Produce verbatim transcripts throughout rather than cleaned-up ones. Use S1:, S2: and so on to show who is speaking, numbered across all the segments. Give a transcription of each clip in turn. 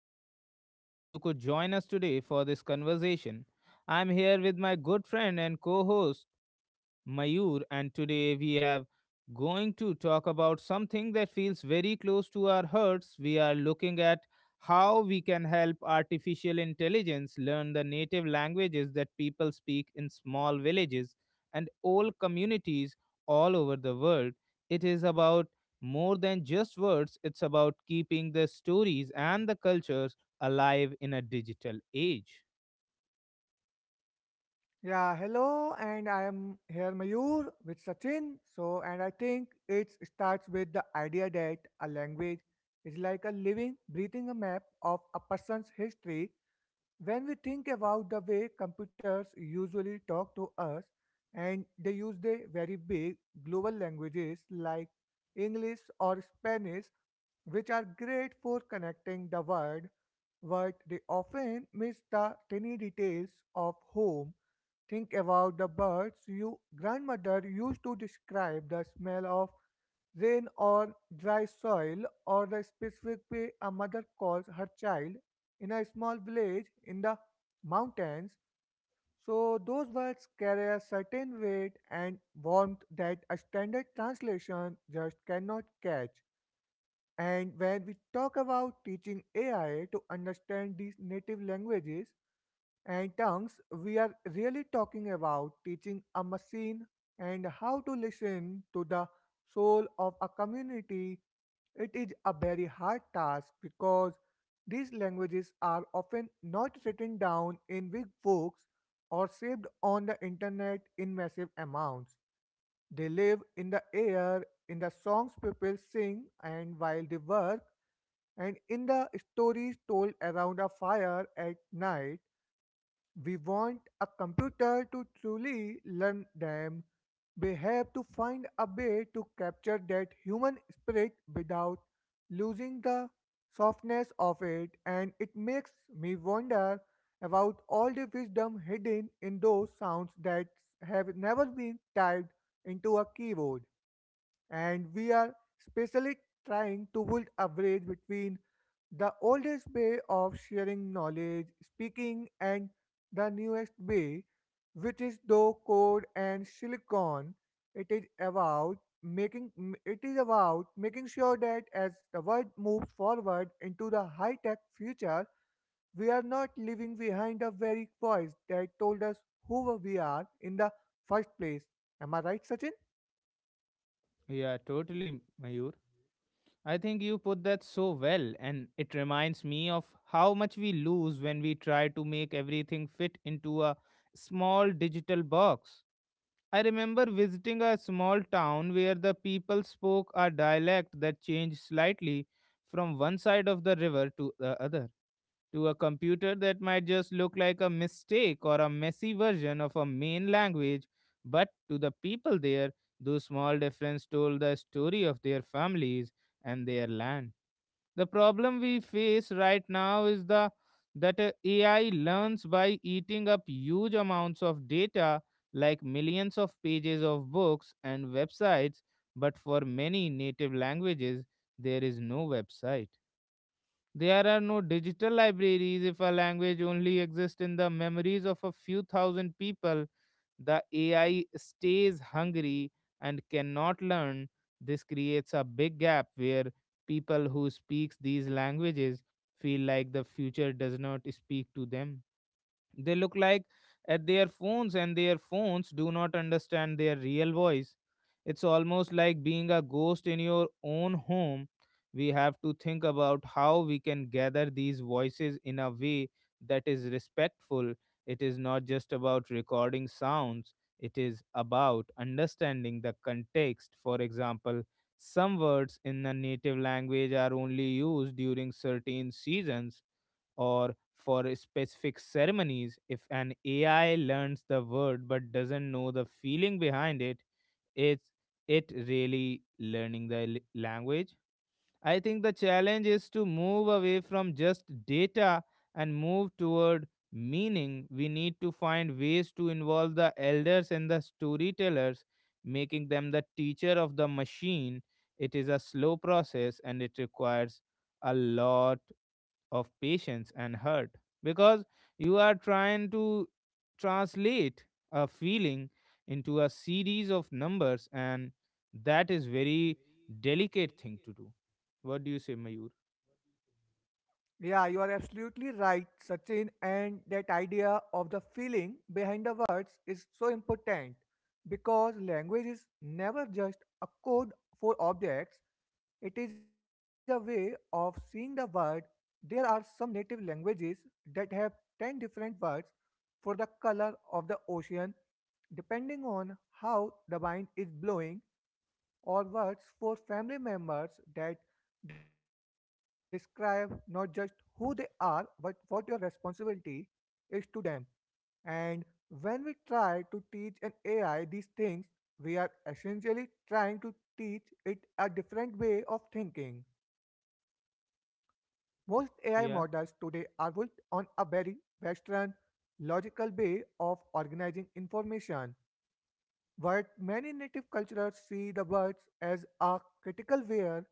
S1: I'm so happy you could join us today for this conversation. I'm here with my good friend and co host, Mayur, and today we have going to talk about something that feels very close to our hearts. We are looking at how we can help artificial intelligence learn the native languages that people speak in small villages and old communities all over the world. It is about more than just words, it's about keeping the stories and the cultures alive in a digital age.
S2: Yeah, hello, and I am here Mayur with Sachin. So, and I think it starts with the idea that a language is like a living, breathing a map of a person's history. When we think about the way computers usually talk to us, and they use the very big global languages like English or Spanish, which are great for connecting the world, but they often miss the tiny details of home. Think about the birds your grandmother used to describe, the smell of rain or dry soil, or the specific way a mother calls her child in a small village in the mountains, so those words carry a certain weight and warmth that a standard translation just cannot catch. And when we talk about teaching A I to understand these native languages, and tongues, we are really talking about teaching a machine and how to listen to the soul of a community. It is a very hard task because these languages are often not written down in big books or saved on the internet in massive amounts. They live in the air, in the songs people sing, and while they work, and in the stories told around a fire at night. We want a computer to truly learn them. We have to find a way to capture that human spirit without losing the softness of it, and it makes me wonder about all the wisdom hidden in those sounds that have never been typed into a keyboard. And we are specially trying to build a bridge between the oldest way of sharing knowledge, speaking, and the newest way, which is though code and silicon. It is about making m- it is about making sure that as the world moves forward into the high-tech future, we are not leaving behind the very voice that told us who we are in the first place. Am I right, Sachin?
S1: Yeah, totally, Mayur. I think you put that so well, and it reminds me of how much we lose when we try to make everything fit into a small digital box. I remember visiting a small town where the people spoke a dialect that changed slightly from one side of the river to the other. To a computer, that might just look like a mistake or a messy version of a main language, but to the people there, those small differences told the story of their families and their land. The problem we face right now is the that uh, ai learns by eating up huge amounts of data like millions of pages of books and websites, but for many native languages there is no website. There are no digital libraries. If a language only exists in the memories of a few thousand people, the A I stays hungry and cannot learn. This creates a big gap where people who speak these languages feel like the future does not speak to them. They look like at their phones, and their phones do not understand their real voice. It's almost like being a ghost in your own home. We have to think about how we can gather these voices in a way that is respectful. It is not just about recording sounds, it is about understanding the context. For example, some words in a native language are only used during certain seasons or for specific ceremonies. If an A I learns the word but doesn't know the feeling behind it, it's it really learning the l- language? I think the challenge is to move away from just data and move toward meaning. We need to find ways to involve the elders and the storytellers, making them the teacher of the machine. It is a slow process and it requires a lot of patience and hurt because you are trying to translate a feeling into a series of numbers, and that is very delicate thing to do. What do you say, Mayur?
S2: Yeah, you are absolutely right, Sachin. And that idea of the feeling behind the words is so important, because language is never just a code for objects, it is a way of seeing the world. There are some native languages that have ten different words for the color of the ocean, depending on how the wind is blowing, or words for family members that describe not just who they are but what your responsibility is to them. And when we try to teach an A I these things, we are essentially trying to teach it a different way of thinking. Most A I models today
S1: yeah
S2: are built on a very Western, logical way of organizing information, but many native cultures see the birds as a critical where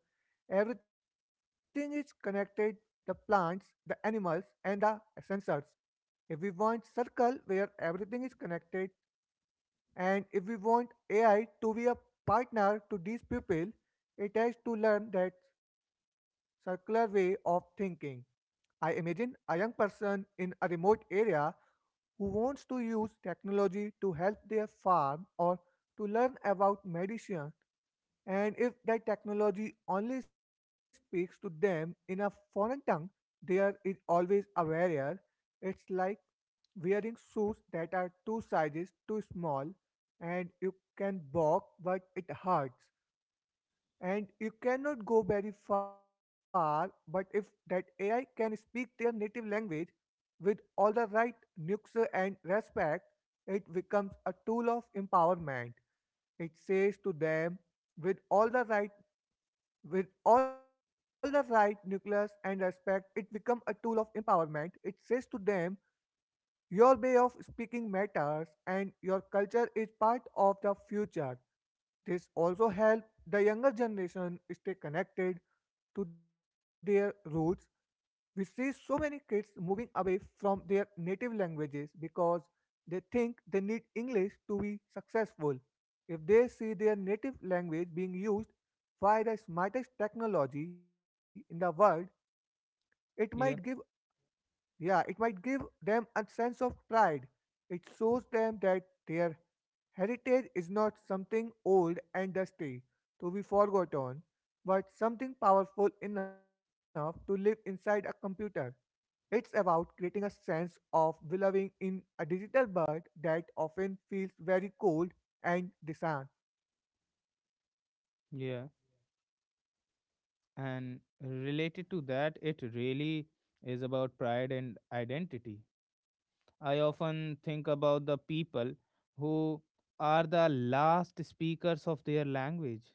S2: everything is connected: the plants, the animals, and the sensors. If we want circle where everything is connected, and if we want A I to be a partner to these people, it has to learn that circular way of thinking. I imagine a young person in a remote area who wants to use technology to help their farm or to learn about medicine, and if that technology only speaks to them in a foreign tongue, there is always a barrier. It's like wearing shoes that are two sizes too small, and you can walk but it hurts. And you cannot go very far, but if that A I can speak their native language with all the right nuance and respect, it becomes a tool of empowerment. It says to them, with all the right with all the right nucleus and respect, it becomes a tool of empowerment. It says to them, your way of speaking matters and your culture is part of the future. This also helps the younger generation stay connected to their roots. We see so many kids moving away from their native languages because they think they need English to be successful. If they see their native language being used by the smartest technology in the world, it might give
S1: yeah
S2: yeah, it might give them a sense of pride. It shows them that their heritage is not something old and dusty to be forgotten, but something powerful enough to live inside a computer. It's about creating a sense of belonging in a digital world that often feels very cold and distant.
S1: yeah And related to that, it really is about pride and identity. I often think about the people who are the last speakers of their language.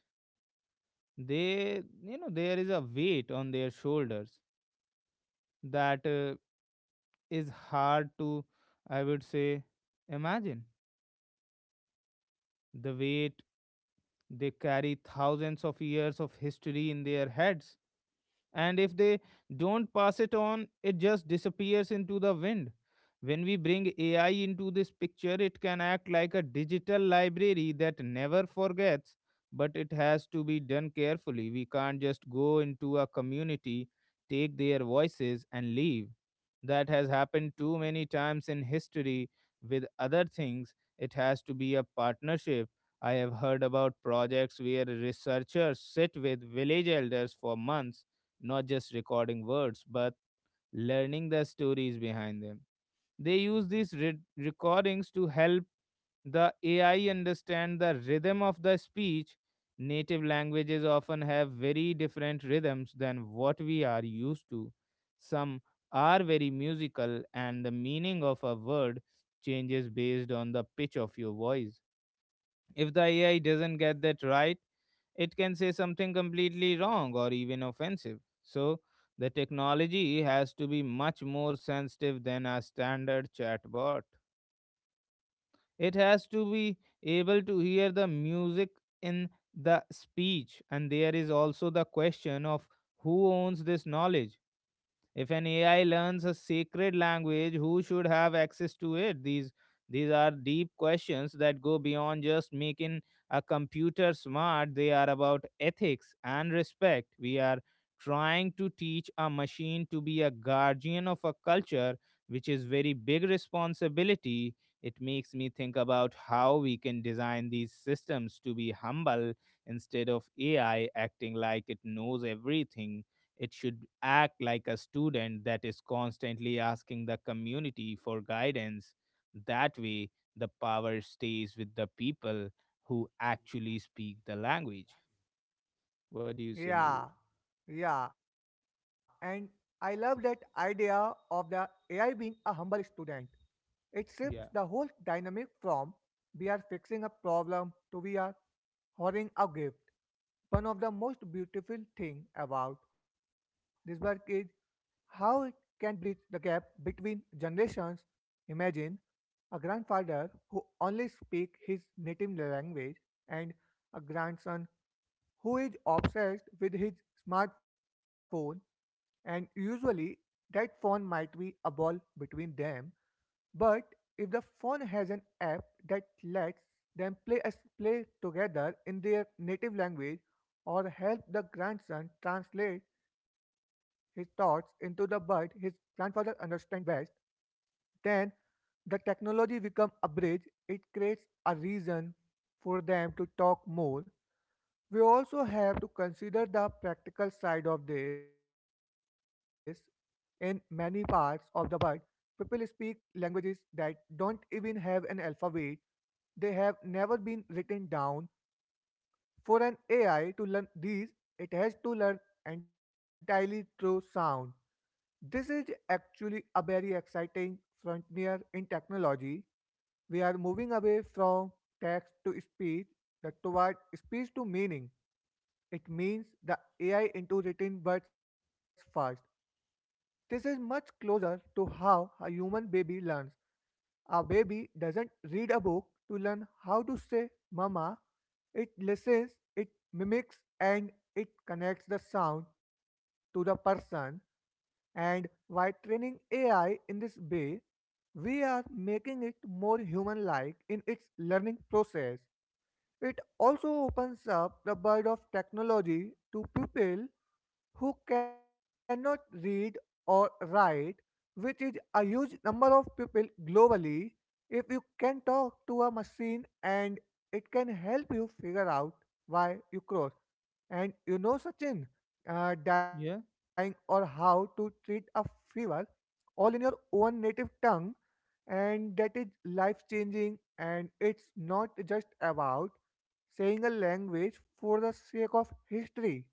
S1: They, you know, there is a weight on their shoulders that uh, is hard to, I would say, imagine the weight. They carry thousands of years of history in their heads, and if they don't pass it on it just disappears into the wind. When we bring ai into this picture it can act like a digital library that never forgets, but it has to be done carefully. We can't just go into a community, take their voices and leave. That has happened too many times in history with other things. It has to be a partnership. I have heard about projects where researchers sit with village elders for months, not just recording words, but learning the stories behind them. They use these re- recordings to help the A I understand the rhythm of the speech. Native languages often have very different rhythms than what we are used to. Some are very musical, and the meaning of a word changes based on the pitch of your voice. If the A I doesn't get that right, it can say something completely wrong or even offensive. So, the technology has to be much more sensitive than a standard chatbot. It has to be able to hear the music in the speech, and there is also the question of who owns this knowledge. If an A I learns a sacred language, who should have access to it? These these are deep questions that go beyond just making a computer smart. They are about ethics and respect. We are trying to teach a machine to be a guardian of a culture, which is very big responsibility. It makes me think about how we can design these systems to be humble instead of A I acting like it knows everything. It should act like a student that is constantly asking the community for guidance. That way, the power stays with the people who actually speak the language. What do you say, Mayur?
S2: Yeah, yeah, and I love that idea of the A I being a humble student. It shifts the
S1: Yeah.
S2: whole dynamic from "we are fixing a problem" to "we are hoarding a gift." One of the most beautiful thing about this work is how it can bridge the gap between generations. Imagine a grandfather who only speaks his native language, and a grandson who is obsessed with his smartphone, and usually that phone might be a wall between them. But if the phone has an app that lets them play as play together in their native language, or help the grandson translate his thoughts into the bird his grandfather understands best, then the technology becomes a bridge. It creates a reason for them to talk more. We also have to consider the practical side of this. In many parts of the world, people speak languages that don't even have an alphabet. They have never been written down. For an A I to learn these, it has to learn entirely through sound. This is actually a very exciting frontier in technology. We are moving away from text to speech that toward speech to meaning. It means the A I into written words first. This is much closer to how a human baby learns. A baby doesn't read a book to learn how to say mama. It listens, it mimics, and it connects the sound to the person. And by training A I in this way, we are making it more human like in its learning process. It also opens up the world of technology to people who cannot read or write, which is a huge number of people globally. If you can talk to a machine and it can help you figure out why you cross. And you know, Sachin, uh, dying
S1: Yeah.
S2: or how to treat a fever, all in your own native tongue, and that is life changing. And it's not just about saying a language for the sake of history.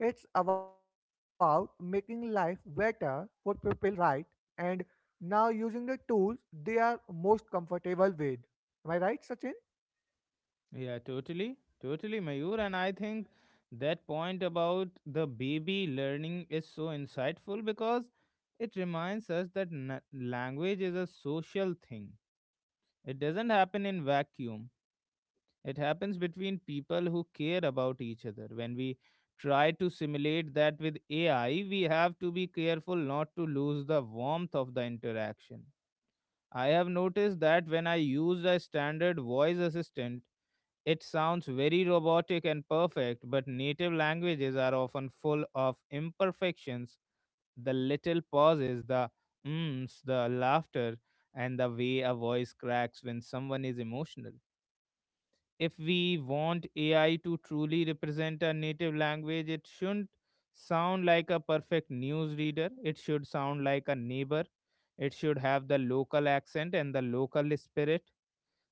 S2: It's about making life better for people, right? And now using the tools they are most comfortable with. Am I right, Sachin?
S1: Yeah, totally. Totally, Mayur. And I think that point about the baby learning is so insightful because it reminds us that na- language is a social thing. It doesn't happen in vacuum. It happens between people who care about each other. When we try to simulate that with A I, we have to be careful not to lose the warmth of the interaction. I have noticed that when I use a standard voice assistant, it sounds very robotic and perfect, but native languages are often full of imperfections, the little pauses, the mms, the laughter, and the way a voice cracks when someone is emotional. If we want A I to truly represent a native language, it shouldn't sound like a perfect news reader. It should sound like a neighbor. It should have the local accent and the local spirit.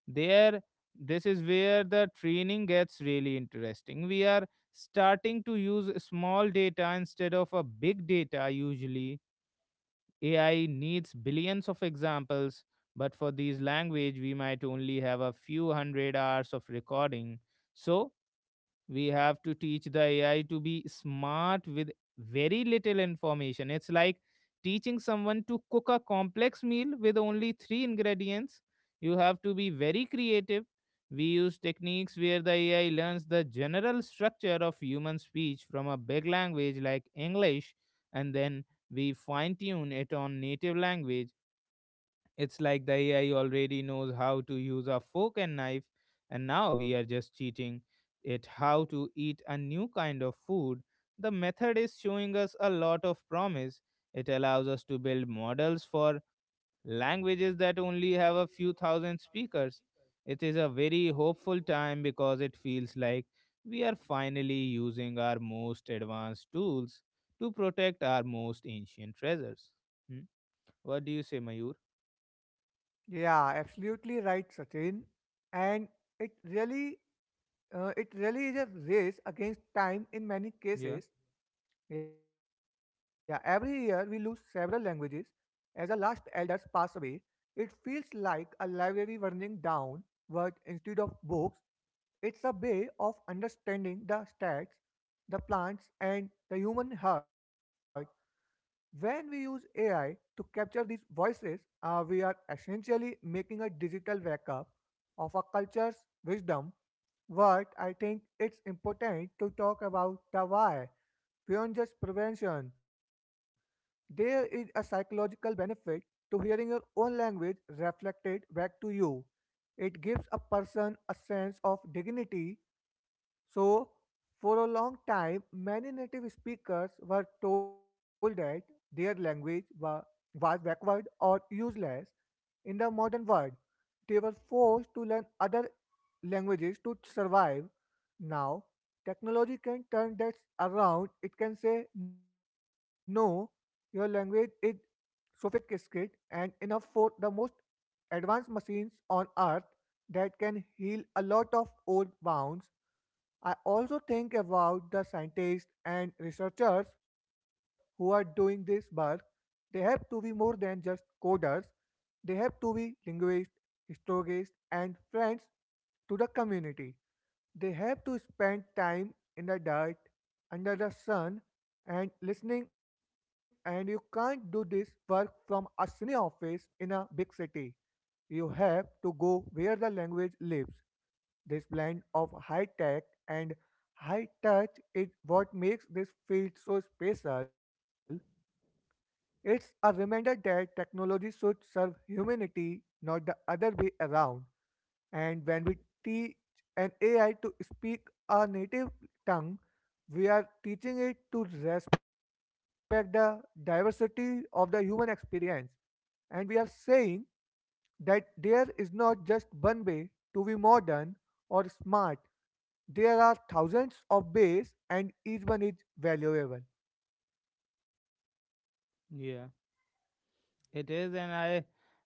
S1: There, this is where the training gets really interesting. We are starting to use small data instead of a big data. Usually A I needs billions of examples, but for these language we might only have a few hundred hours of recording. So we have to teach the ai to be smart with very little information. It's like teaching someone to cook a complex meal with only three ingredients. You have to be very creative. We use techniques where the ai learns the general structure of human speech from a big language like english, and then we fine tune it on native language. It's like the A I already knows how to use a fork and knife, and now we are just cheating it how to eat a new kind of food. The method is showing us a lot of promise. It allows us to build models for languages that only have a few thousand speakers. It is a very hopeful time because it feels like we are finally using our most advanced tools to protect our most ancient treasures. Hmm? What do you say, Mayur?
S2: Yeah, absolutely right, Sachin. And it really, uh, it really is a race against time in many
S1: Yeah.
S2: cases. Yeah, every year we lose several languages as the last elders pass away. It feels like a library burning down, but instead of books, it's a way of understanding the stats, the plants, and the human heart. When we use A I to capture these voices, uh, we are essentially making a digital backup of a culture's wisdom. But I think it's important to talk about the why beyond just prevention. There is a psychological benefit to hearing your own language reflected back to you. It gives a person a sense of dignity. So, for a long time, many native speakers were told that their language wa- was backward or useless in the modern world. They were forced to learn other languages to survive. Now, technology can turn that around. It can say, no, your language is sophisticated and enough for the most advanced machines on earth. That can heal a lot of old wounds. I also think about the scientists and researchers who are doing this work. They have to be more than just coders. They have to be linguists, historians, and friends to the community. They have to spend time in the dirt, under the sun, and listening, and you can't do this work from a senior office in a big city. You have to go where the language lives. This blend of high tech and high touch is what makes this field so special. It's a reminder that technology should serve humanity, not the other way around. And when we teach an A I to speak a native tongue, we are teaching it to respect the diversity of the human experience. And we are saying that there is not just one way to be modern or smart, there are thousands of ways, and each one is valuable.
S1: Yeah. It is, and I,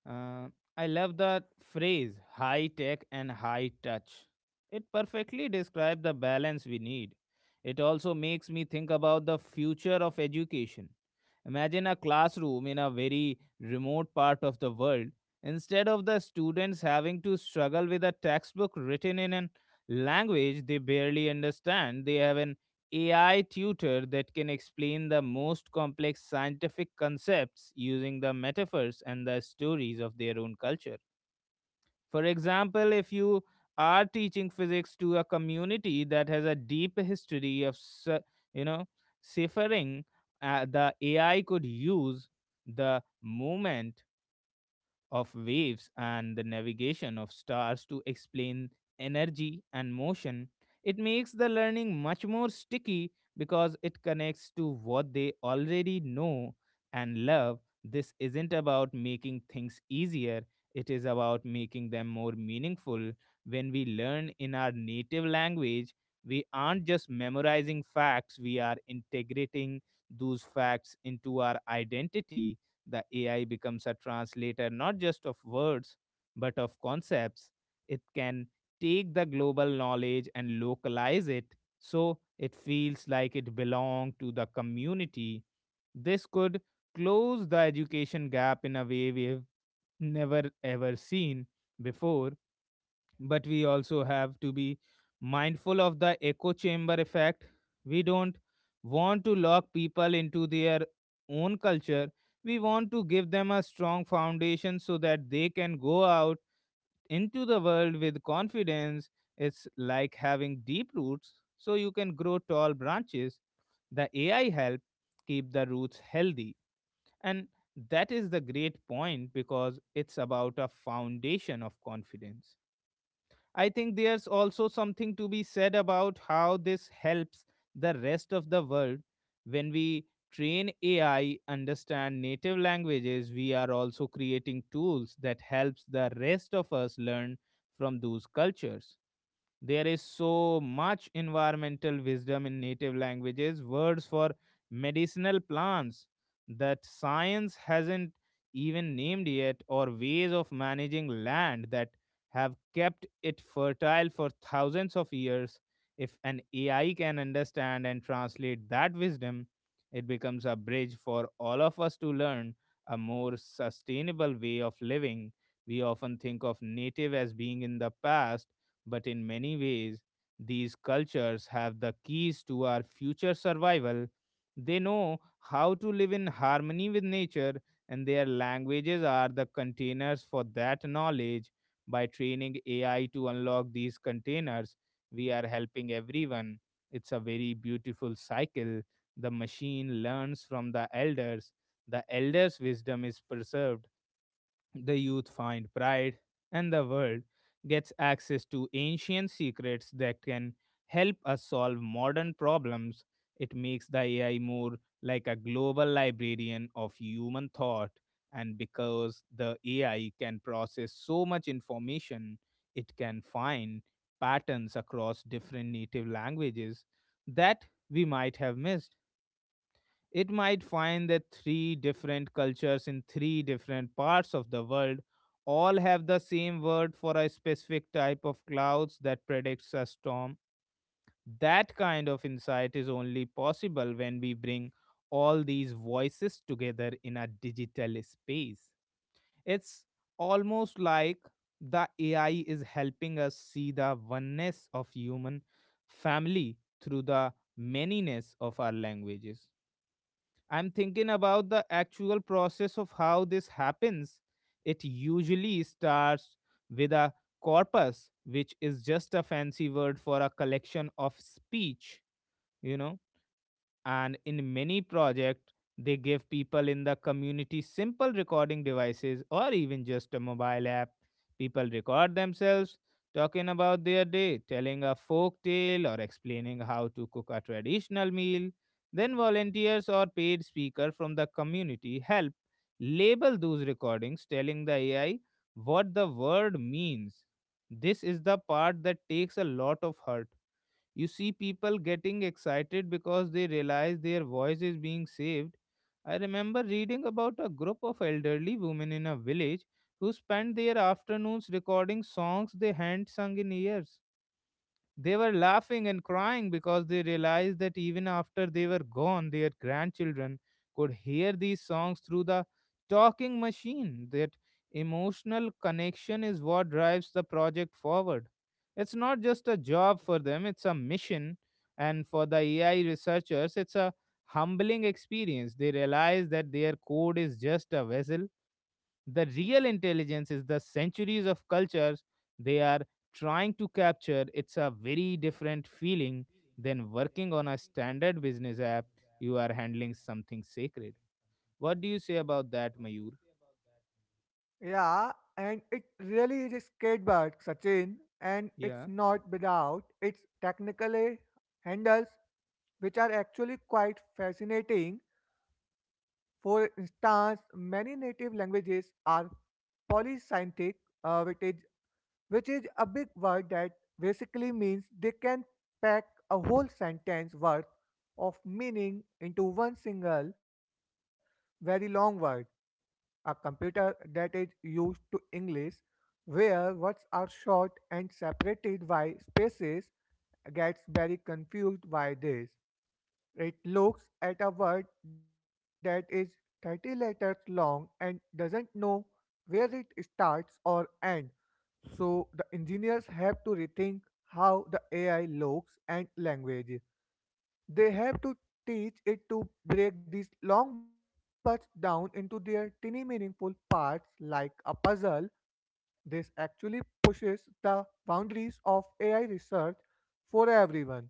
S1: uh, I love that phrase "high tech and high touch." It perfectly describes the balance we need. It also makes me think about the future of education. Imagine a classroom in a very remote part of the world. Instead of the students having to struggle with a textbook written in a language they barely understand, they have an A I tutor that can explain the most complex scientific concepts using the metaphors and the stories of their own culture. For example, if you are teaching physics to a community that has a deep history of su- you know suffering, uh, the A I could use the movement of waves and the navigation of stars to explain energy and motion. It makes the learning much more sticky because it connects to what they already know and love. This isn't about making things easier, it is about making them more meaningful. When we learn in our native language, we aren't just memorizing facts, we are integrating those facts into our identity. The A I becomes a translator not just of words, but of concepts. It can take the global knowledge and localize it so it feels like it belongs to the community. This could close the education gap in a way we've never ever seen before. But we also have to be mindful of the echo chamber effect. We don't want to lock people into their own culture. We want to give them a strong foundation so that they can go out into the world with confidence. It's like having deep roots so you can grow tall branches. The A I help keep the roots healthy. And that is the great point because it's about a foundation of confidence. I think there's also something to be said about how this helps the rest of the world. When we train A I understand native languages, we are also creating tools that helps the rest of us learn from those cultures. There is so much environmental wisdom in native languages, words for medicinal plants that science hasn't even named yet, or ways of managing land that have kept it fertile for thousands of years. If an A I can understand and translate that wisdom, it becomes a bridge for all of us to learn a more sustainable way of living. We often think of native as being in the past, but in many ways, these cultures have the keys to our future survival. They know how to live in harmony with nature, and their languages are the containers for that knowledge. By training A I to unlock these containers, we are helping everyone. It's a very beautiful cycle. The machine learns from the elders, the elders' wisdom is preserved, the youth find pride, and the world gets access to ancient secrets that can help us solve modern problems. It makes the A I more like a global librarian of human thought. And because the A I can process so much information, it can find patterns across different native languages that we might have missed. It might find that three different cultures in three different parts of the world all have the same word for a specific type of clouds that predicts a storm. That kind of insight is only possible when we bring all these voices together in a digital space. It's almost like the A I is helping us see the oneness of human family through the manyness of our languages. I'm thinking about the actual process of how this happens. It usually starts with a corpus, which is just a fancy word for a collection of speech, you know and in many projects they give people in the community simple recording devices or even just a mobile app. People record themselves talking about their day, telling a folk tale, or explaining how to cook a traditional meal. Then volunteers or paid speaker from the community help label those recordings, telling the ai what the word means. This is the part that takes a lot of hurt. You see people getting excited because they realize their voice is being saved. I remember reading about a group of elderly women in a village who spent their afternoons recording songs they hadn't sung in years. They were laughing and crying because they realized that even after they were gone, their grandchildren could hear these songs through the talking machine. That emotional connection is what drives the project forward. It's not just a job for them, it's a mission. And for the A I researchers, it's a humbling experience. They realize that their code is just a vessel, the real intelligence is the centuries of cultures they are trying to capture. It's a very different feeling than working on a standard business app. You are handling something sacred. What do you say about that, Mayur?
S2: Yeah, and it really is a skateboard, Sachin, and it's
S1: Yeah,
S2: not without its technical eh, handles, which are actually quite fascinating. For instance, many native languages are polysynthetic, uh, which is which is a big word that basically means they can pack a whole sentence worth of meaning into one single very long word. A computer that is used to English, where words are short and separated by spaces, gets very confused by this. It looks at a word that is thirty letters long and doesn't know where it starts or ends. So the engineers have to rethink how the A I looks and language. They have to teach it to break these long words down into their tiny meaningful parts like a puzzle. This actually pushes the boundaries of A I research for everyone.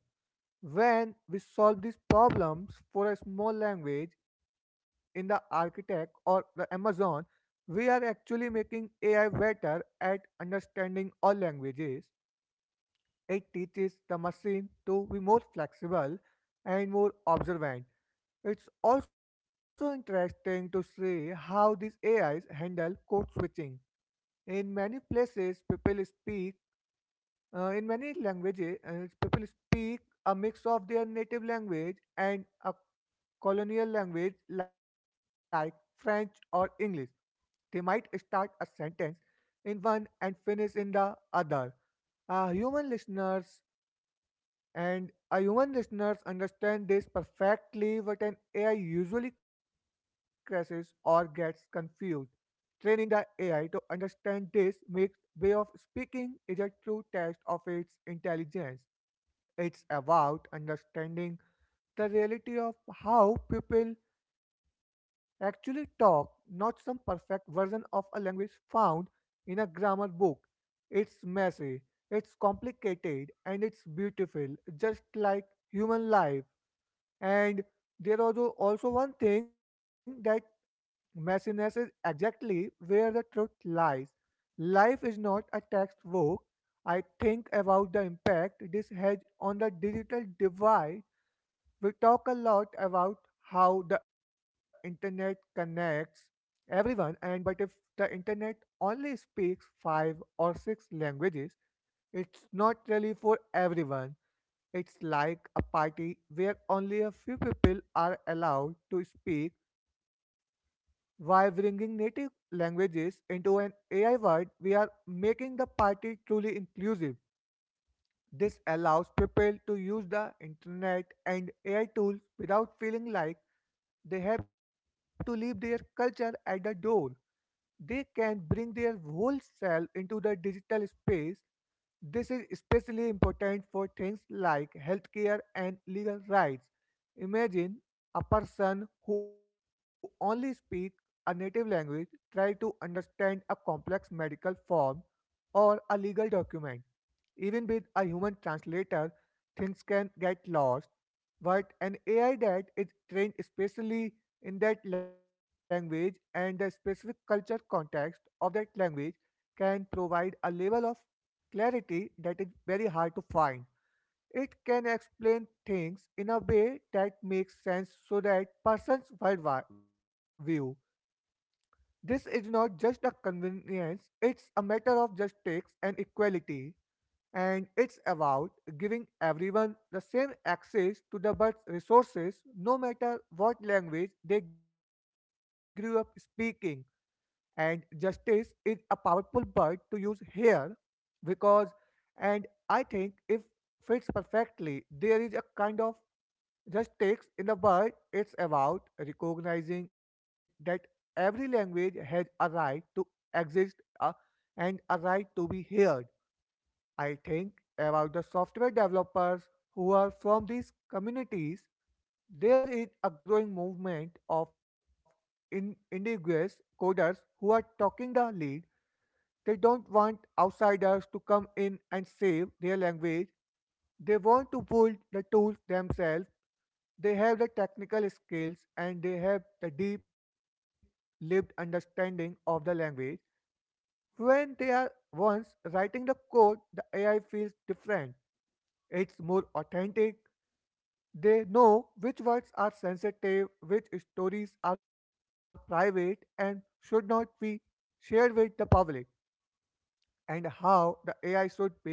S2: When we solve these problems for a small language in the architect or the Amazon, we are actually making A I better at understanding all languages. It teaches the machine to be more flexible and more observant. It's also interesting to see how these A Is handle code switching. In many places, people speak uh, in many languages. Uh, people speak a mix of their native language and a colonial language like French or English. They might start a sentence in one and finish in the other. A human listener and our human listeners understand this perfectly, but an A I usually crashes or gets confused. Training the A I to understand this makes way of speaking is a true test of its intelligence. It's about understanding the reality of how people actually talk, not some perfect version of a language found in a grammar book. It's messy, it's complicated, and it's beautiful, just like human life. And there was al- also one thing that messiness is exactly where the truth lies. Life is not a textbook. I think about the impact this has on the digital divide. We talk a lot about how the internet connects everyone, and but if the internet only speaks five or six languages, it's not really for everyone. It's like a party where only a few people are allowed to speak. By bringing native languages into an A I world, we are making the party truly inclusive. This allows people to use the internet and A I tools without feeling like they have to leave their culture at the door. They can bring their whole self into the digital space. This is especially important for things like healthcare and legal rights. Imagine a person who only speaks a native language try to understand a complex medical form or a legal document. Even with a human translator, things can get lost. But an A I that is trained specially in that language and the specific culture context of that language can provide a level of clarity that is very hard to find. It can explain things in a way that makes sense so that persons worldwide view this is not just a convenience, it's a matter of justice and equality, and it's about giving everyone the same access to the birth resources no matter what language they grew up speaking. And justice is a powerful word to use here because, and I think if fits perfectly, there is a kind of justice in the word. It's about recognizing that every language has a right to exist, uh, and a right to be heard. I think about the software developers who are from these communities. There is a growing movement of in- indigenous coders who are taking the lead. They don't want outsiders to come in and save their language. They want to build the tools themselves. They have the technical skills and they have the deep lived understanding of the language. When they are once writing the code, the A I feels different. It's more authentic. They know which words are sensitive, which stories are private and should not be shared with the public, and how the A I should behave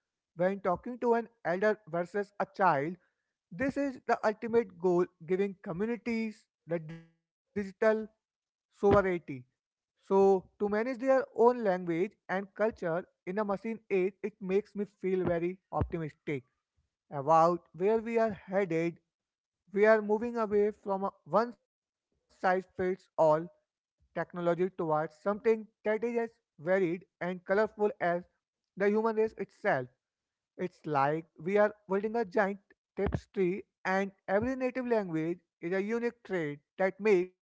S2: when talking to an elder versus a child. This is the ultimate goal, giving communities the digital sovereignty. So, to manage their own language and culture in a machine age, it makes me feel very optimistic about where we are headed. We are moving away from a one size fits all technology towards something that is as varied and colorful as the human race itself. It's like we are holding a giant tapestry, and every native language is a unique trait that makes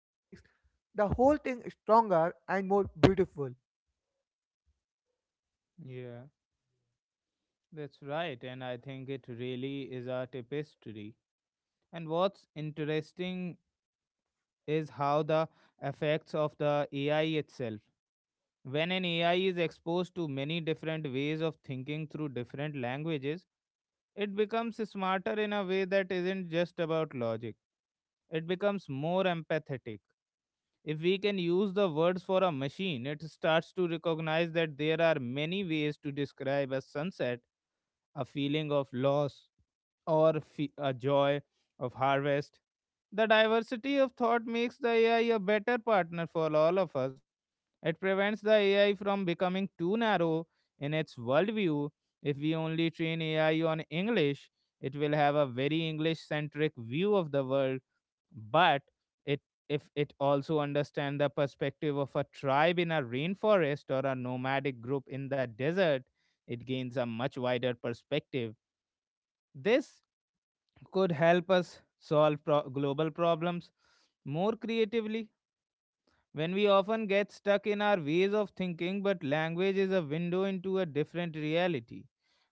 S2: the whole thing stronger and more beautiful.
S1: yeah, that's right. And I think it really is a tapestry. And what's interesting is how the effects of the A I itself. When an A I is exposed to many different ways of thinking through different languages, it becomes smarter in a way that isn't just about logic. It becomes more empathetic. If we can use the words for a machine, it starts to recognize that there are many ways to describe a sunset, a feeling of loss, or fe- a joy of harvest. The diversity of thought makes the A I a better partner for all of us. It prevents the A I from becoming too narrow in its worldview. If we only train A I on English, it will have a very English centric view of the world. But it, if it also understands the perspective of a tribe in a rainforest or a nomadic group in the desert, it gains a much wider perspective. This could help us solve pro- global problems more creatively when we often get stuck in our ways of thinking, but language is a window into a different reality.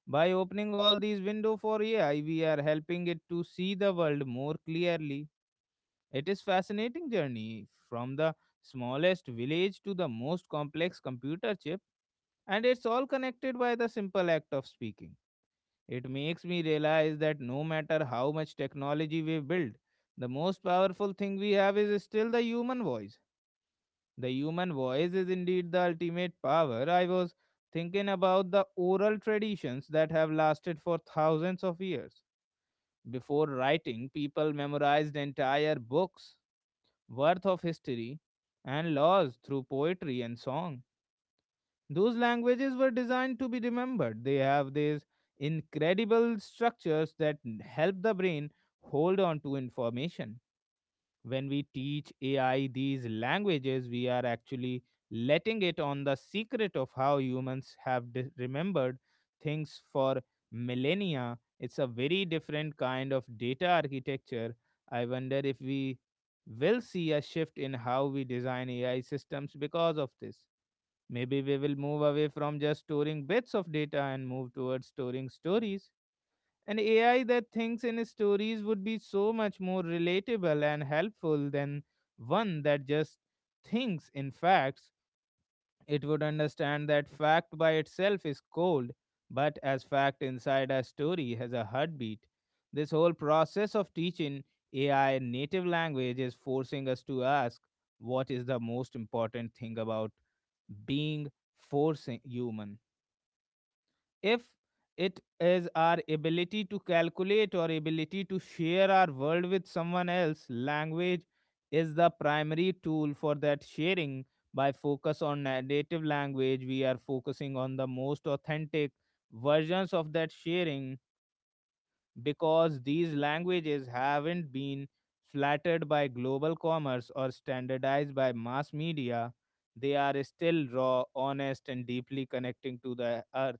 S1: By opening all these windows for A I, we are helping it to see the world more clearly. It is fascinating journey from the smallest village to the most complex computer chip, and it's all connected by the simple act of speaking. It makes me realize that no matter how much technology we build, the most powerful thing we have is still the human voice. The human voice is indeed the ultimate power. I was thinking about the oral traditions that have lasted for thousands of years. Before writing, people memorized entire books worth of history and laws through poetry and song. Those languages were designed to be remembered. They have these incredible structures that n- help the brain hold on to information when we teach ai these languages. We are actually letting it on the secret of how humans have de- remembered things for millennia. It's a very different kind of data architecture. I wonder if we will see a shift in how we design ai systems because of this. Maybe we will move away from just storing bits of data and move towards storing stories. An A I that thinks in stories would be so much more relatable and helpful than one that just thinks in facts. It would understand that fact by itself is cold, but as fact inside a story has a heartbeat. This whole process of teaching A I native language is forcing us to ask what is the most important thing about being, forcing human, if it is our ability to calculate or ability to share our world with someone else. Language is the primary tool for that sharing. By focus on na- native language we are focusing on the most authentic versions of that sharing, because these languages haven't been flattered by global commerce or standardized by mass media. They are still raw, honest, and deeply connecting to the earth.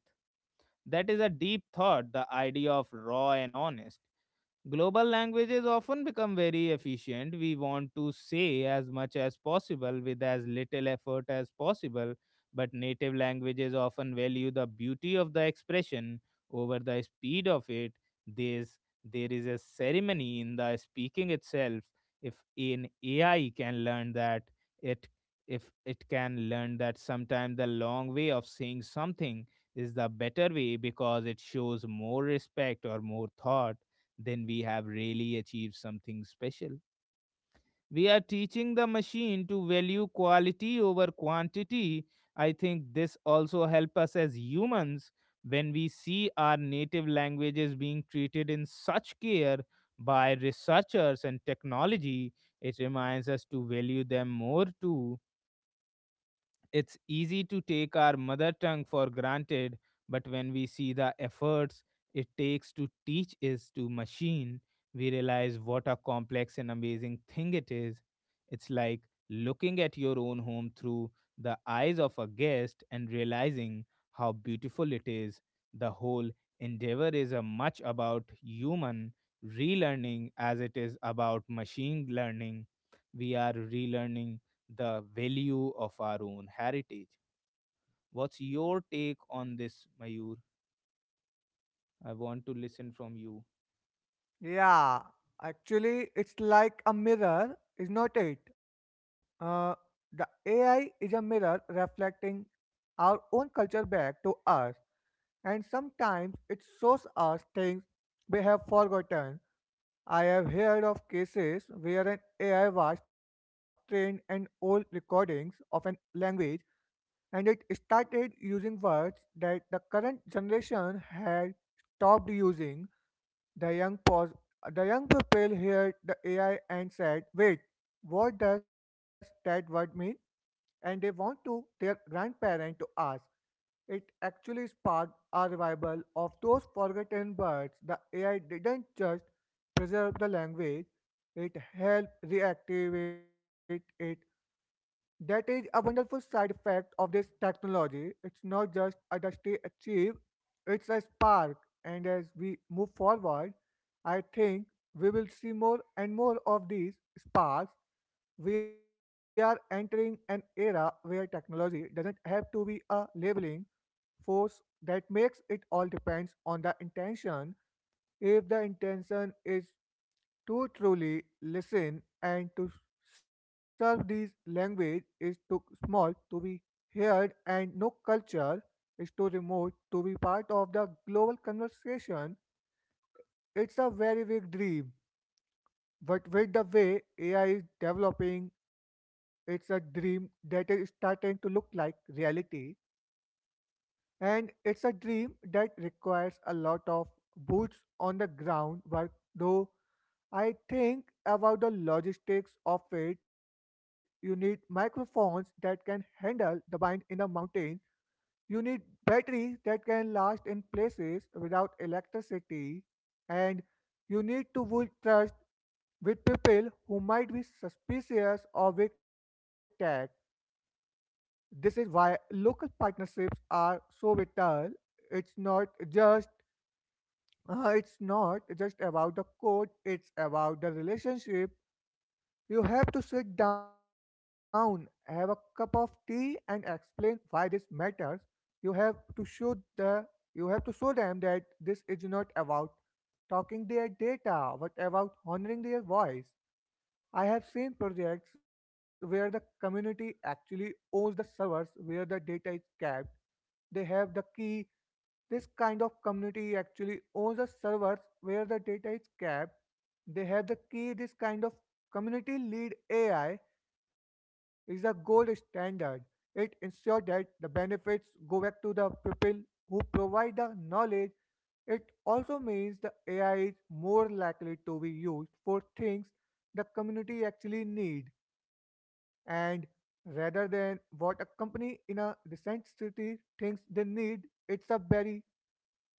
S1: That is a deep thought, the idea of raw and honest. Global languages often become very efficient. We want to say as much as possible with as little effort as possible, but native languages often value the beauty of the expression over the speed of it. There's, there is a ceremony in the speaking itself. If an A I can learn that, it if it can learn that sometimes the long way of saying something is the better way because it shows more respect or more thought, then we have really achieved something special. We are teaching the machine to value quality over quantity. I think this also help us as humans. When we see our native languages being treated in such care by researchers and technology, it reminds us to value them more too. It's easy to take our mother tongue for granted, but when we see the efforts it takes to teach is to machine, we realize what a complex and amazing thing it is. It's like looking at your own home through the eyes of a guest and realizing how beautiful it is. The whole endeavor is a much about human relearning as it is about machine learning. We are relearning the value of our own heritage. What's your take on this, Mayur? I want to listen from you.
S2: Yeah, actually, it's like a mirror, is not it? Uh, the A I is a mirror reflecting our own culture back to us, and sometimes it shows us things we have forgotten. I have heard of cases where an A I was trained on old recordings of an language and it started using words that the current generation had stopped using. The young pause, the young people heard the A I and said, "Wait, what does that word mean?" And they want to their grandparent to ask. It actually sparked a revival of those forgotten words. The A I didn't just preserve the language; it helped reactivate it. That is a wonderful side effect of this technology. It's not just a dusty achieve, it's a spark. And as we move forward, I think we will see more and more of these sparks. We are entering an era where technology doesn't have to be a labeling force that makes it all depends on the intention. If the intention is to truly listen and to serve, these language is too small to be heard and no culture is too remote to be part of the global conversation. It's a very big dream. But with the way A I is developing, it's a dream that is starting to look like reality. And it's a dream that requires a lot of boots on the ground work, though. I think about the logistics of it. You need microphones that can handle the bind in the mountains. You need batteries that can last in places without electricity. And you need to build trust with people who might be suspicious of big tech. This is why local partnerships are so vital. It's not just uh, it's not just about the code, it's about the relationship. You have to sit down, have a cup of tea, and explain why this matters. You have to show the you have to show them that this is not about talking their data, but about honoring their voice. I have seen projects where the community actually owns the servers where the data is kept. They have the key. This kind of community actually owns the servers where the data is kept. They have the key. This kind of community led A I is the gold standard. It ensures that the benefits go back to the people who provide the knowledge. It also means the A I is more likely to be used for things the community actually need, and rather than what a company in a recent city thinks they need, it's a very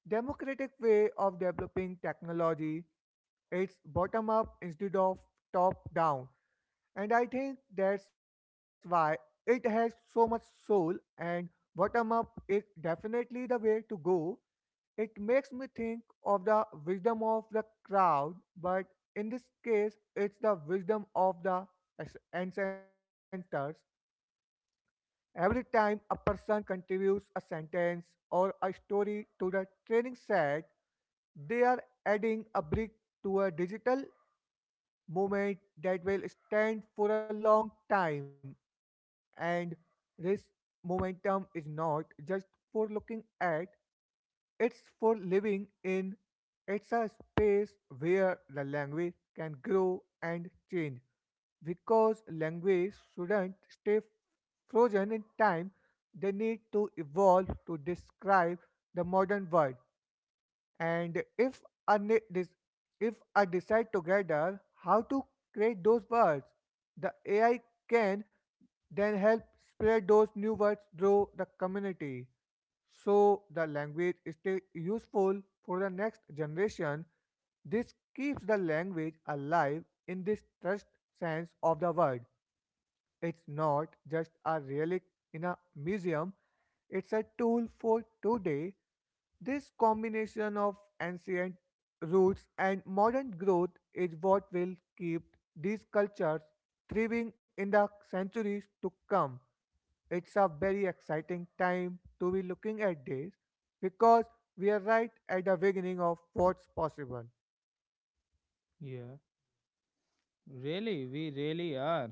S2: democratic way of developing technology. It's bottom up instead of top down. And I think that's why it has so much soul. And bottom up is definitely the way to go. It makes me think of the wisdom of the crowd, but in this case, it's the wisdom of the as- ancestors. Every time a person contributes a sentence or a story to the training set, they are adding a brick to a digital moment that will stand for a long time. And this momentum is not just for looking at, it's for living in. It's a space where the language can grow and change because language shouldn't stay frozen in time. They need to evolve to describe the modern world, and if I ne- dis- if I decide together how to create those words, the A I can then help spread those new words through the community. So the language is still useful for the next generation. This keeps the language alive in this trust sense of the word. It's not just a relic in a museum, it's a tool for today. This combination of ancient roots and modern growth is what will keep these cultures thriving in the centuries to come. It's a very exciting time to be looking at this because we are right at the beginning of what's possible.
S1: Yeah, really, we really are.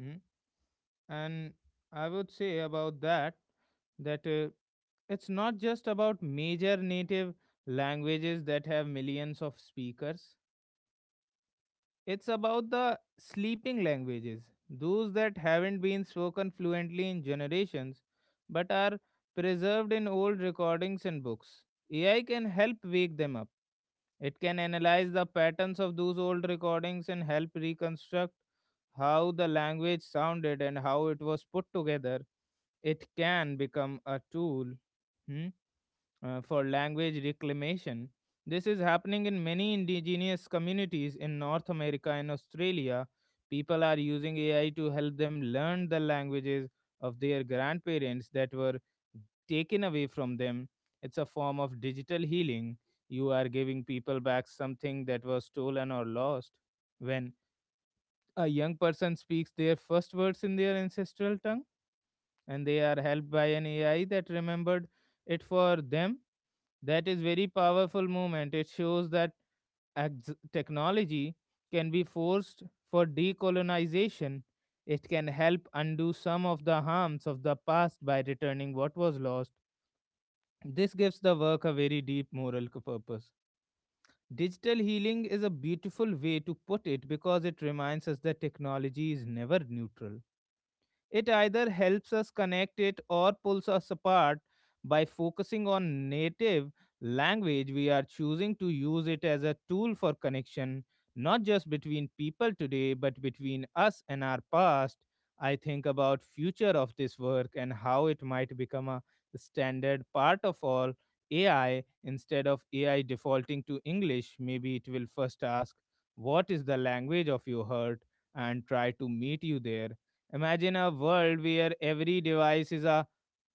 S1: Hmm? And I would say about that that uh, it's not just about major native languages that have millions of speakers. It's about the sleeping languages, those that haven't been spoken fluently in generations but are preserved in old recordings and books. A I can help wake them up. It can analyze the patterns of those old recordings and help reconstruct how the language sounded and how it was put together. It can become a tool. hmm, uh, for language reclamation. This is happening in many indigenous communities in North America and Australia. People are using A I to help them learn the languages of their grandparents that were taken away from them. It's a form of digital healing. You are giving people back something that was stolen or lost. When a young person speaks their first words in their ancestral tongue, and they are helped by an A I that remembered it for them. That is very powerful movement. It shows that ex- technology can be forced for decolonization. It can help undo some of the harms of the past by returning what was lost. This gives the work a very deep moral c- purpose. Digital healing is a beautiful way to put it because it reminds us that technology is never neutral. It either helps us connect it or pulls us apart. By focusing on native language, we are choosing to use it as a tool for connection, not just between people today, but between us and our past. I think about future of this work and how it might become a standard part of all A I instead of A I defaulting to English. Maybe it will first ask, "What is the language of your heart?" and try to meet you there. Imagine a world where every device is a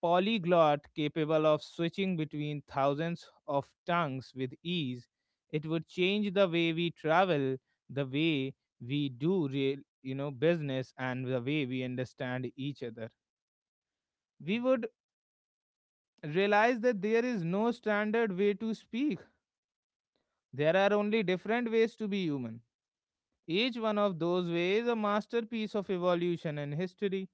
S1: polyglot capable of switching between thousands of tongues with ease. It would change the way we travel, the way we do real, you know, business, and the way we understand each other. We would realize that there is no standard way to speak. There are only different ways to be human. Each one of those ways a masterpiece of evolution and history.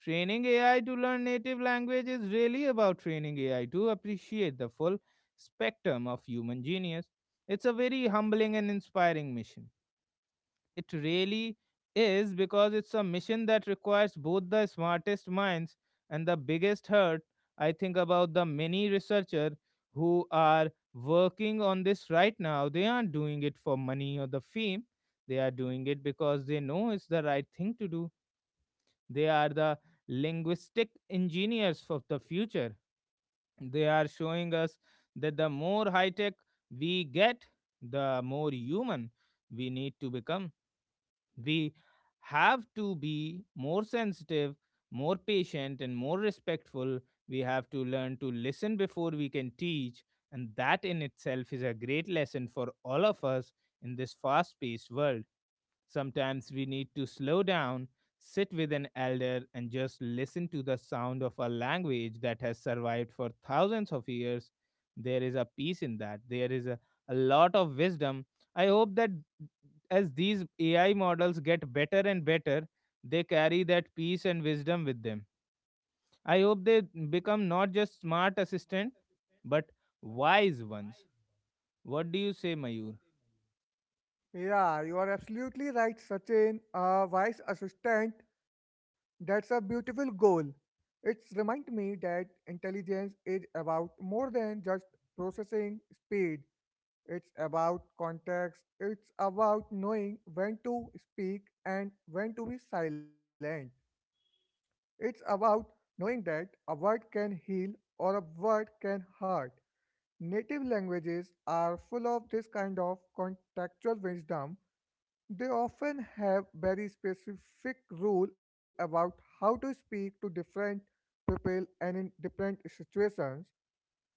S1: Training A I to learn native language is really about training A I to appreciate the full spectrum of human genius. It's a very humbling and inspiring mission. It really is because it's a mission that requires both the smartest minds and the biggest heart. I think about the many researchers who are working on this right now. They aren't doing it for money or the fame. They are doing it because they know it's the right thing to do, they are the linguistic engineers of the future. They are showing us that the more high tech we get, the more human we need to become. We have to be more sensitive, more patient, and more respectful. We have to learn to listen before we can teach. And that in itself is a great lesson for all of us in this fast paced world. Sometimes we need to slow down, sit with an elder, and just listen to the sound of a language that has survived for thousands of years. There is a peace in that. There is a, a lot of wisdom. I hope that as these A I models get better and better, they carry that peace and wisdom with them. I hope they become not just smart assistant, but wise ones. What do you say, Mayur?
S2: Yeah, you are absolutely right, Sachin. A wise assistant, that's a beautiful goal. It's remind me that intelligence is about more than just processing speed. It's about context. It's about knowing when to speak and when to be silent. It's about knowing that a word can heal or a word can hurt. Native languages are full of this kind of contextual wisdom. They often have very specific rule about how to speak to different people and in different situations.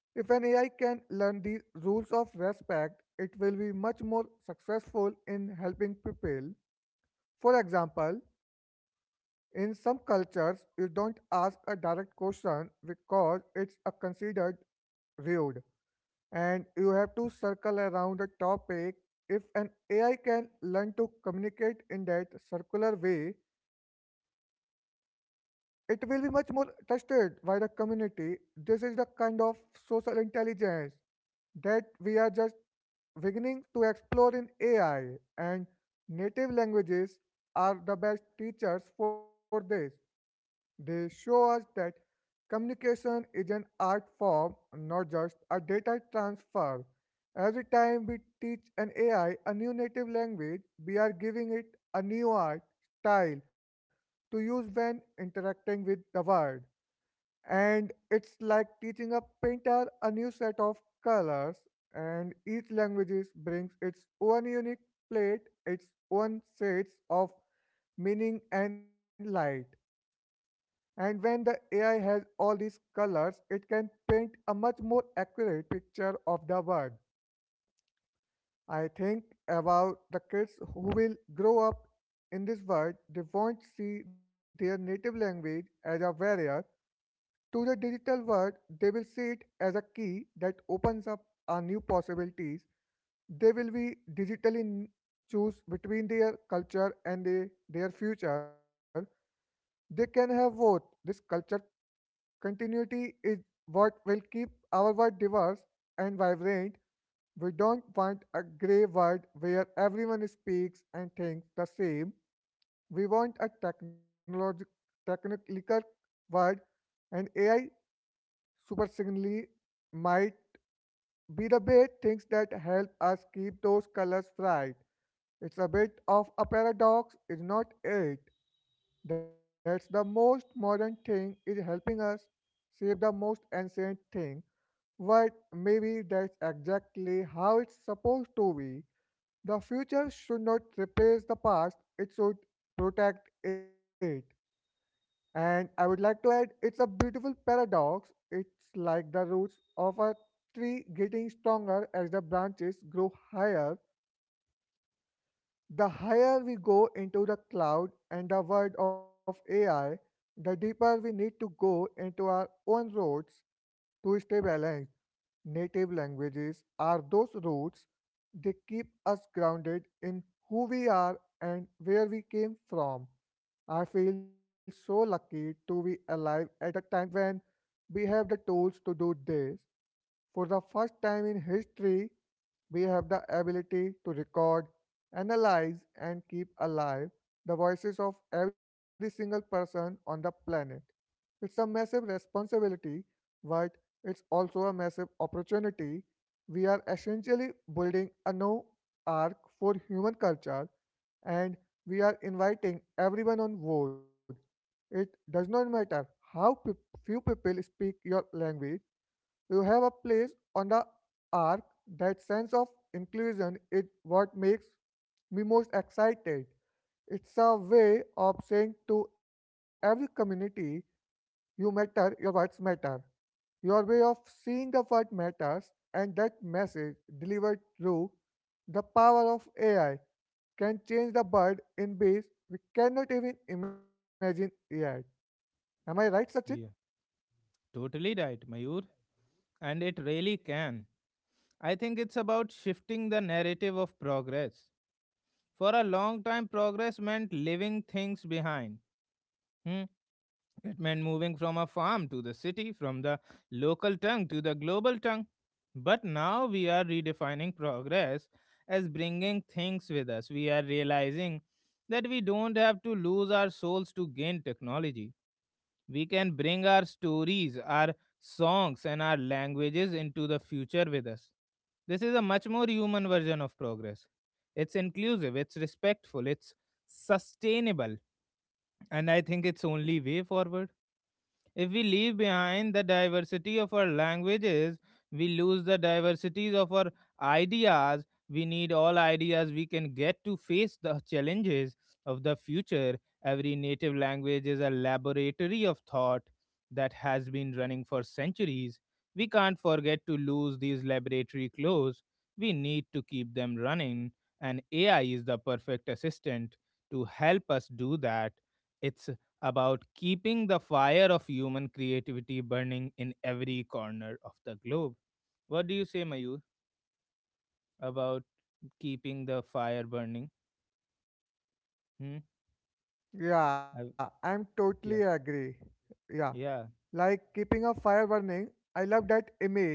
S2: If an A I can learn these rules of respect, it will be much more successful in helping people. For example, in some cultures, you don't ask a direct question because it's a considered rude and you have to circle around the topic. If an A I can learn to communicate in that circular way, it will be much more trusted by the community. This is the kind of social intelligence that we are just beginning to explore in A I, and native languages are the best teachers for this. They show us that communication is an art form, not just a data transfer. Every time we teach an A I a new native language, we are giving it a new art style to use when interacting with the world. And it's like teaching a painter a new set of colors, and each language is- brings its own unique plate, its own shades of meaning and light. And when the A I has all these colors, it can paint a much more accurate picture of the world. I think about the kids who will grow up in this world, they won't see their native language as a barrier to the digital world, they will see it as a key that opens up a new possibilities. They will be digitally n- choose between their culture and the, their future. They can have both this culture. Continuity is what will keep our world diverse and vibrant. We don't want a grey world where everyone speaks and thinks the same. We want a technologi- technical world, and A I supersignally might be the best things that help us keep those colors bright. It's a bit of a paradox, is not it? That's the most modern thing is helping us save the most ancient thing, but maybe that's exactly how it's supposed to be. The future should not replace the past, it should protect it. And I would like to add it's a beautiful paradox. It's like the roots of a tree getting stronger as the branches grow higher. The higher we go into the cloud and the world of A I, the deeper we need to go into our own roots to stay balanced. Native languages are those roots. They keep us grounded in who we are and where we came from. I feel so lucky to be alive at the time when we have the tools to do this. For the first time in history, we have the ability to record, analyze, and keep alive the voices of every single person on the planet. It's a massive responsibility, but it's also a massive opportunity. We are essentially building a new arc for human culture and we are inviting everyone on board. It does not matter how pe- few people speak your language, you have a place on the arc. That sense of inclusion is what makes me most excited. It's a way of saying to every community, you matter, your words matter. Your way of seeing the world matters, and that message delivered through the power of A I can change the world in ways we cannot even imagine yet. Am I right, Sachin?
S1: Yeah, totally right, Mayur. And it really can. I think it's about shifting the narrative of progress. For a long time, progress meant leaving things behind. Hmm? It meant moving from a farm to the city, from the local tongue to the global tongue. But now we are redefining progress as bringing things with us. We are realizing that we don't have to lose our souls to gain technology. We can bring our stories, our songs, and our languages into the future with us. This is a much more human version of progress. It's inclusive, it's respectful, it's sustainable, and I think it's only way forward. If we leave behind the diversity of our languages, we lose the diversities of our ideas. We need all ideas we can get to face the challenges of the future. Every native language is a laboratory of thought that has been running for centuries. We can't forget to lose these laboratory clothes. We need to keep them running, and A I is the perfect assistant to help us do that. It's about keeping the fire of human creativity burning in every corner of the globe. What do you say, Mayur, about keeping the fire burning? Hmm?
S2: Yeah,
S1: I-
S2: I'm totally
S1: yeah,
S2: agree. Yeah,
S1: yeah,
S2: like keeping a fire burning. I love that image.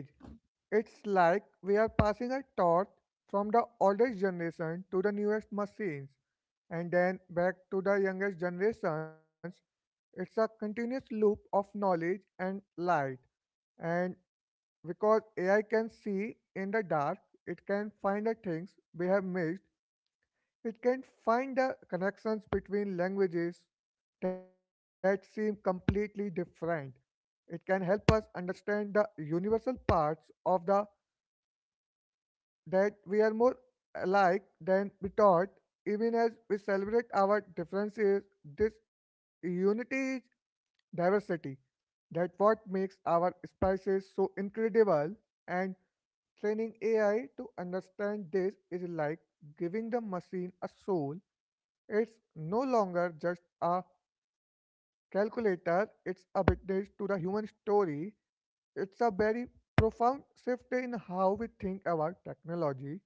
S2: It's like we are passing a torch from the oldest generation to the newest machines and then back to the youngest generations. It's a continuous loop of knowledge and light. And because A I can see in the dark, it can find the things we have missed, it can find the connections between languages that seem completely different. It can help us understand the universal parts of the that we are more alike than we thought, even as we celebrate our differences. This unity is diversity. That what makes our spices so incredible. And training A I to understand this is like giving the machine a soul. It's no longer just a calculator, it's a witness to the human story. It's a very profound shift in how we think about technology.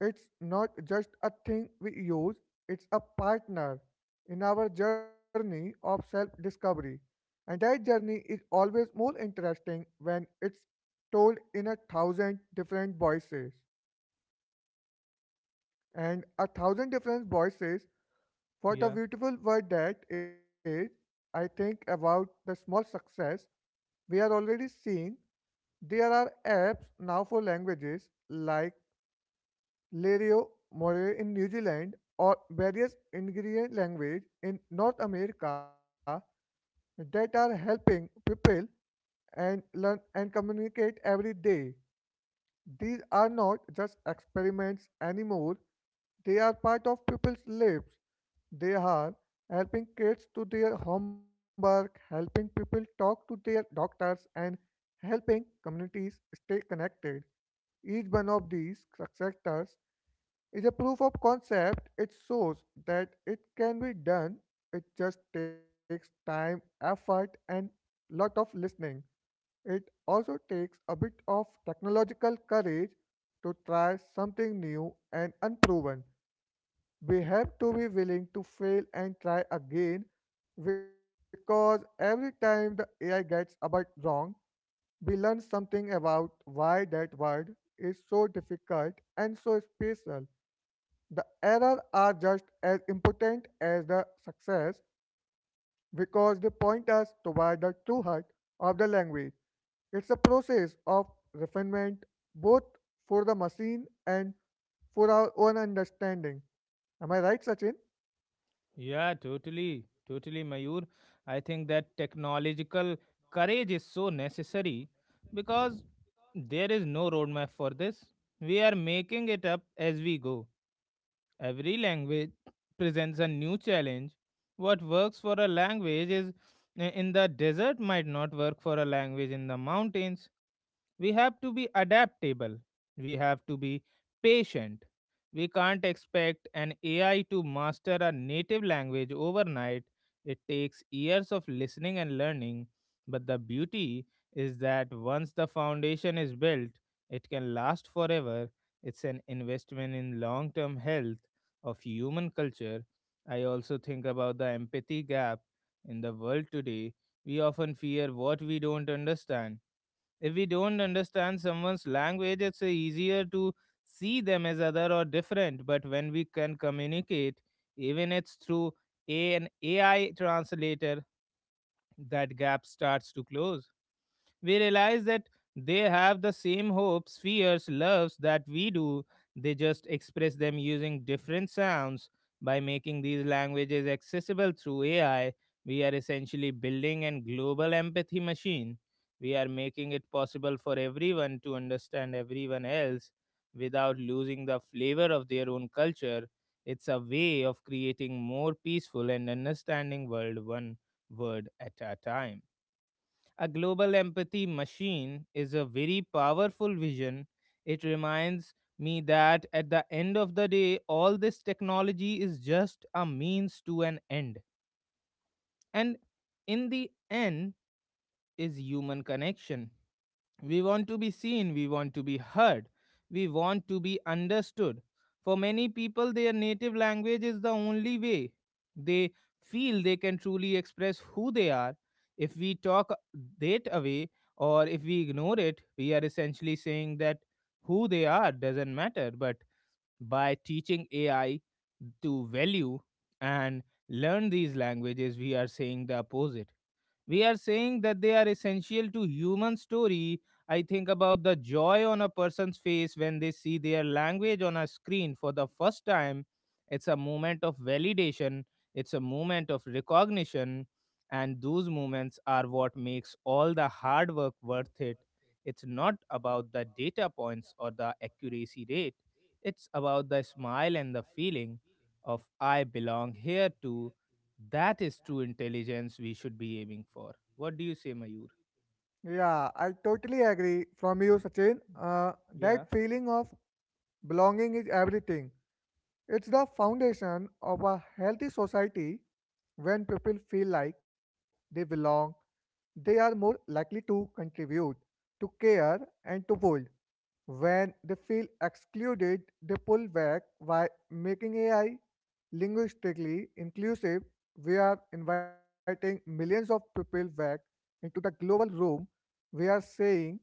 S2: It's not just a thing we use, it's a partner in our journey of self discovery. And that journey is always more interesting when it's told in a thousand different voices. And a thousand different voices, what a
S1: yeah,
S2: beautiful word that is. I think about the small success we are already seeing. There are apps now for languages like Lerio Moray in New Zealand, or various ingredient language in North America that are helping people and learn and communicate every day. These are not just experiments anymore, they are part of people's lives. They are helping kids to their homework, helping people talk to their doctors, and helping communities stay connected. Each one of these sectors is a proof of concept. It shows that it can be done. It just takes time, effort, and lot of listening. It also takes a bit of technological courage to try something new and unproven. We have to be willing to fail and try again because every time the A I gets a bit wrong, we learn something about why that word is so difficult and so special. The errors are just as important as the success because they point us toward the true heart of the language. It's a process of refinement both for the machine and for our own understanding. Am I right, Sachin?
S1: yeah, totally, totally, Mayur. I think that technological courage is so necessary because there is no roadmap for this. We are making it up as we go. Every language presents a new challenge. What works for a language is in the desert might not work for a language in the mountains. We have to be adaptable. We have to be patient. We can't expect an A I to master a native language overnight. It takes years of listening and learning. But the beauty is that once the foundation is built, it can last forever. It's an investment in long term health of human culture. I also think about the empathy gap in the world today. We often fear what we don't understand. If we don't understand someone's language, it's easier to see them as other or different. But when we can communicate, even it's through an A I translator, that gap starts to close, we realize that they have the same hopes, fears, loves that we do. They just express them using different sounds. By making these languages accessible through A I, we are essentially building a global empathy machine. We are making it possible for everyone to understand everyone else without losing the flavor of their own culture. It's a way of creating more peaceful and understanding world one word at a time. A global empathy machine is a very powerful vision. It reminds me that at the end of the day, all this technology is just a means to an end. And in the end, is human connection. We want to be seen, we want to be heard, we want to be understood. For many people, their native language is the only way they feel they can truly express who they are. If we talk that away or if we ignore it, we are essentially saying that who they are doesn't matter, but by teaching A I to value and learn these languages, we are saying the opposite. We are saying that they are essential to human story. I think about the joy on a person's face when they see their language on a screen for the first time. It's a moment of validation, it's a moment of recognition, and those moments are what makes all the hard work worth it. It's not about the data points or the accuracy rate, it's about the smile and the feeling of I belong here too. That is true intelligence we should be aiming for. What do you say, Mayur?
S2: Yeah, I totally agree from you, Sachin. Uh,
S1: Yeah,
S2: that feeling of belonging is everything. It's the foundation of a healthy society. When people feel like they belong, they are more likely to contribute, to care, and to build. When they feel excluded, they pull back by making A I linguistically inclusive we are inviting millions of people back into the global room. We are saying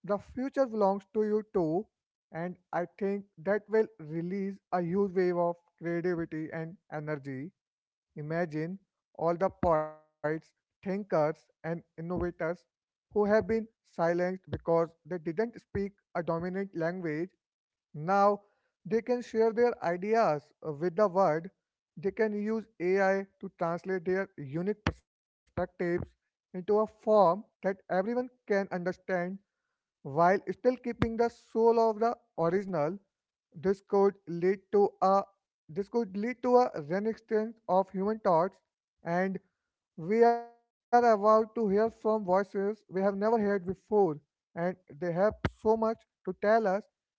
S2: the future belongs to you too. And I think that will release a huge wave of creativity and energy. Imagine all the poets, thinkers, and innovators who have been silenced because they didn't speak a dominant language. Now they can share their ideas uh, with the world. They can use A I to translate their unique perspectives into a form that everyone can understand while still keeping the soul of the original. this could lead to a this could lead to a renaissance of human thoughts, and we are about to hear from voices we have never heard before, and they have so much to tell us.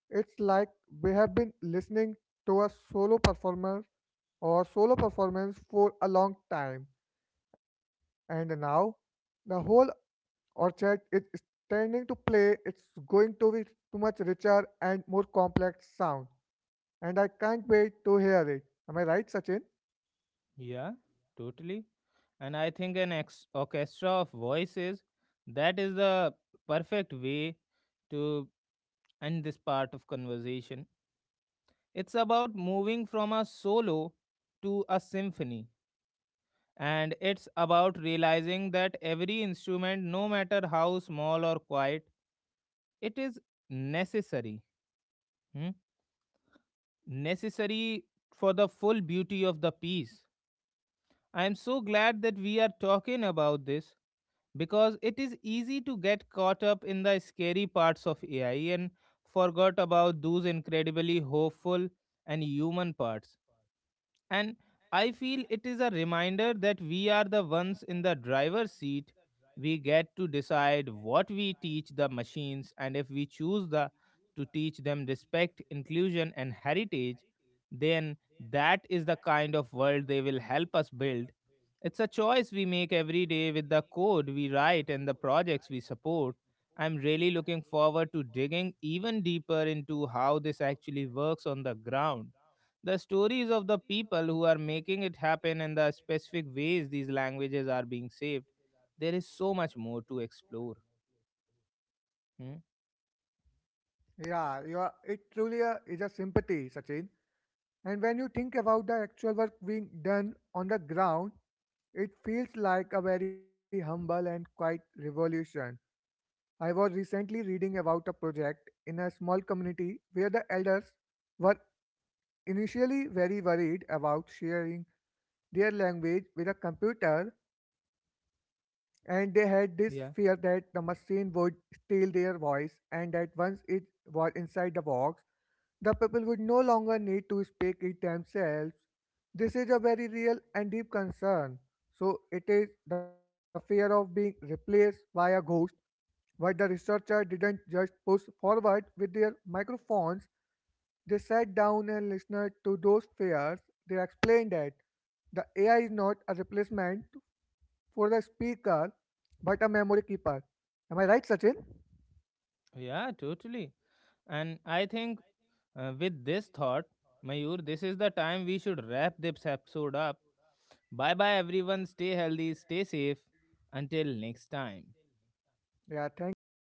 S2: It's like we have been listening to a solo performer or solo performance for a long time, and now the whole orchard is standing to play, it's going to be too much richer and more complex sound. And I can't wait to hear it. Am I right, Sachin?
S1: Yeah, totally. And I think an ex- orchestra of voices, that is the perfect way to end this part of conversation. It's about moving from a solo to a symphony. And it's about realizing that every instrument, no matter how small or quiet, it is necessary, hmm, necessary for the full beauty of the piece. I am so glad that we are talking about this because it is easy to get caught up in the scary parts of A I and forgot about those incredibly hopeful and human parts. And I feel it is a reminder that we are the ones in the driver's seat. We get to decide what we teach the machines, and if we choose the to teach them respect, inclusion, and heritage, then that is the kind of world they will help us build. It's a choice we make every day with the code we write and the projects we support. I'm really looking forward to digging even deeper into how this actually works on the ground, the stories of the people who are making it happen and the specific ways these languages are being saved. There is so much more to explore. Hmm?
S2: Yeah, you are, it truly uh, is a sympathy, Sachin. And when you think about the actual work being done on the ground, it feels like a very humble and quiet revolution. I was recently reading about a project in a small community where the elders were initially very worried about sharing their language with a computer, and they had this fear
S1: yeah
S2: that the machine would steal their voice and that once it was inside the box, the people would no longer need to speak it themselves. This is a very real and deep concern. So it is the fear of being replaced by a ghost, but the researcher didn't just push forward with their microphones, they sat down and listened to those fears. They explained that the A I is not a replacement for the speaker but a memory keeper. Am I right, Sachin?
S1: yeah totally. And I think, uh, with this thought, Mayur, this is the time we should wrap this episode up. Bye bye everyone, stay healthy, stay safe, until next time.
S2: Yeah, thank you, Sachin.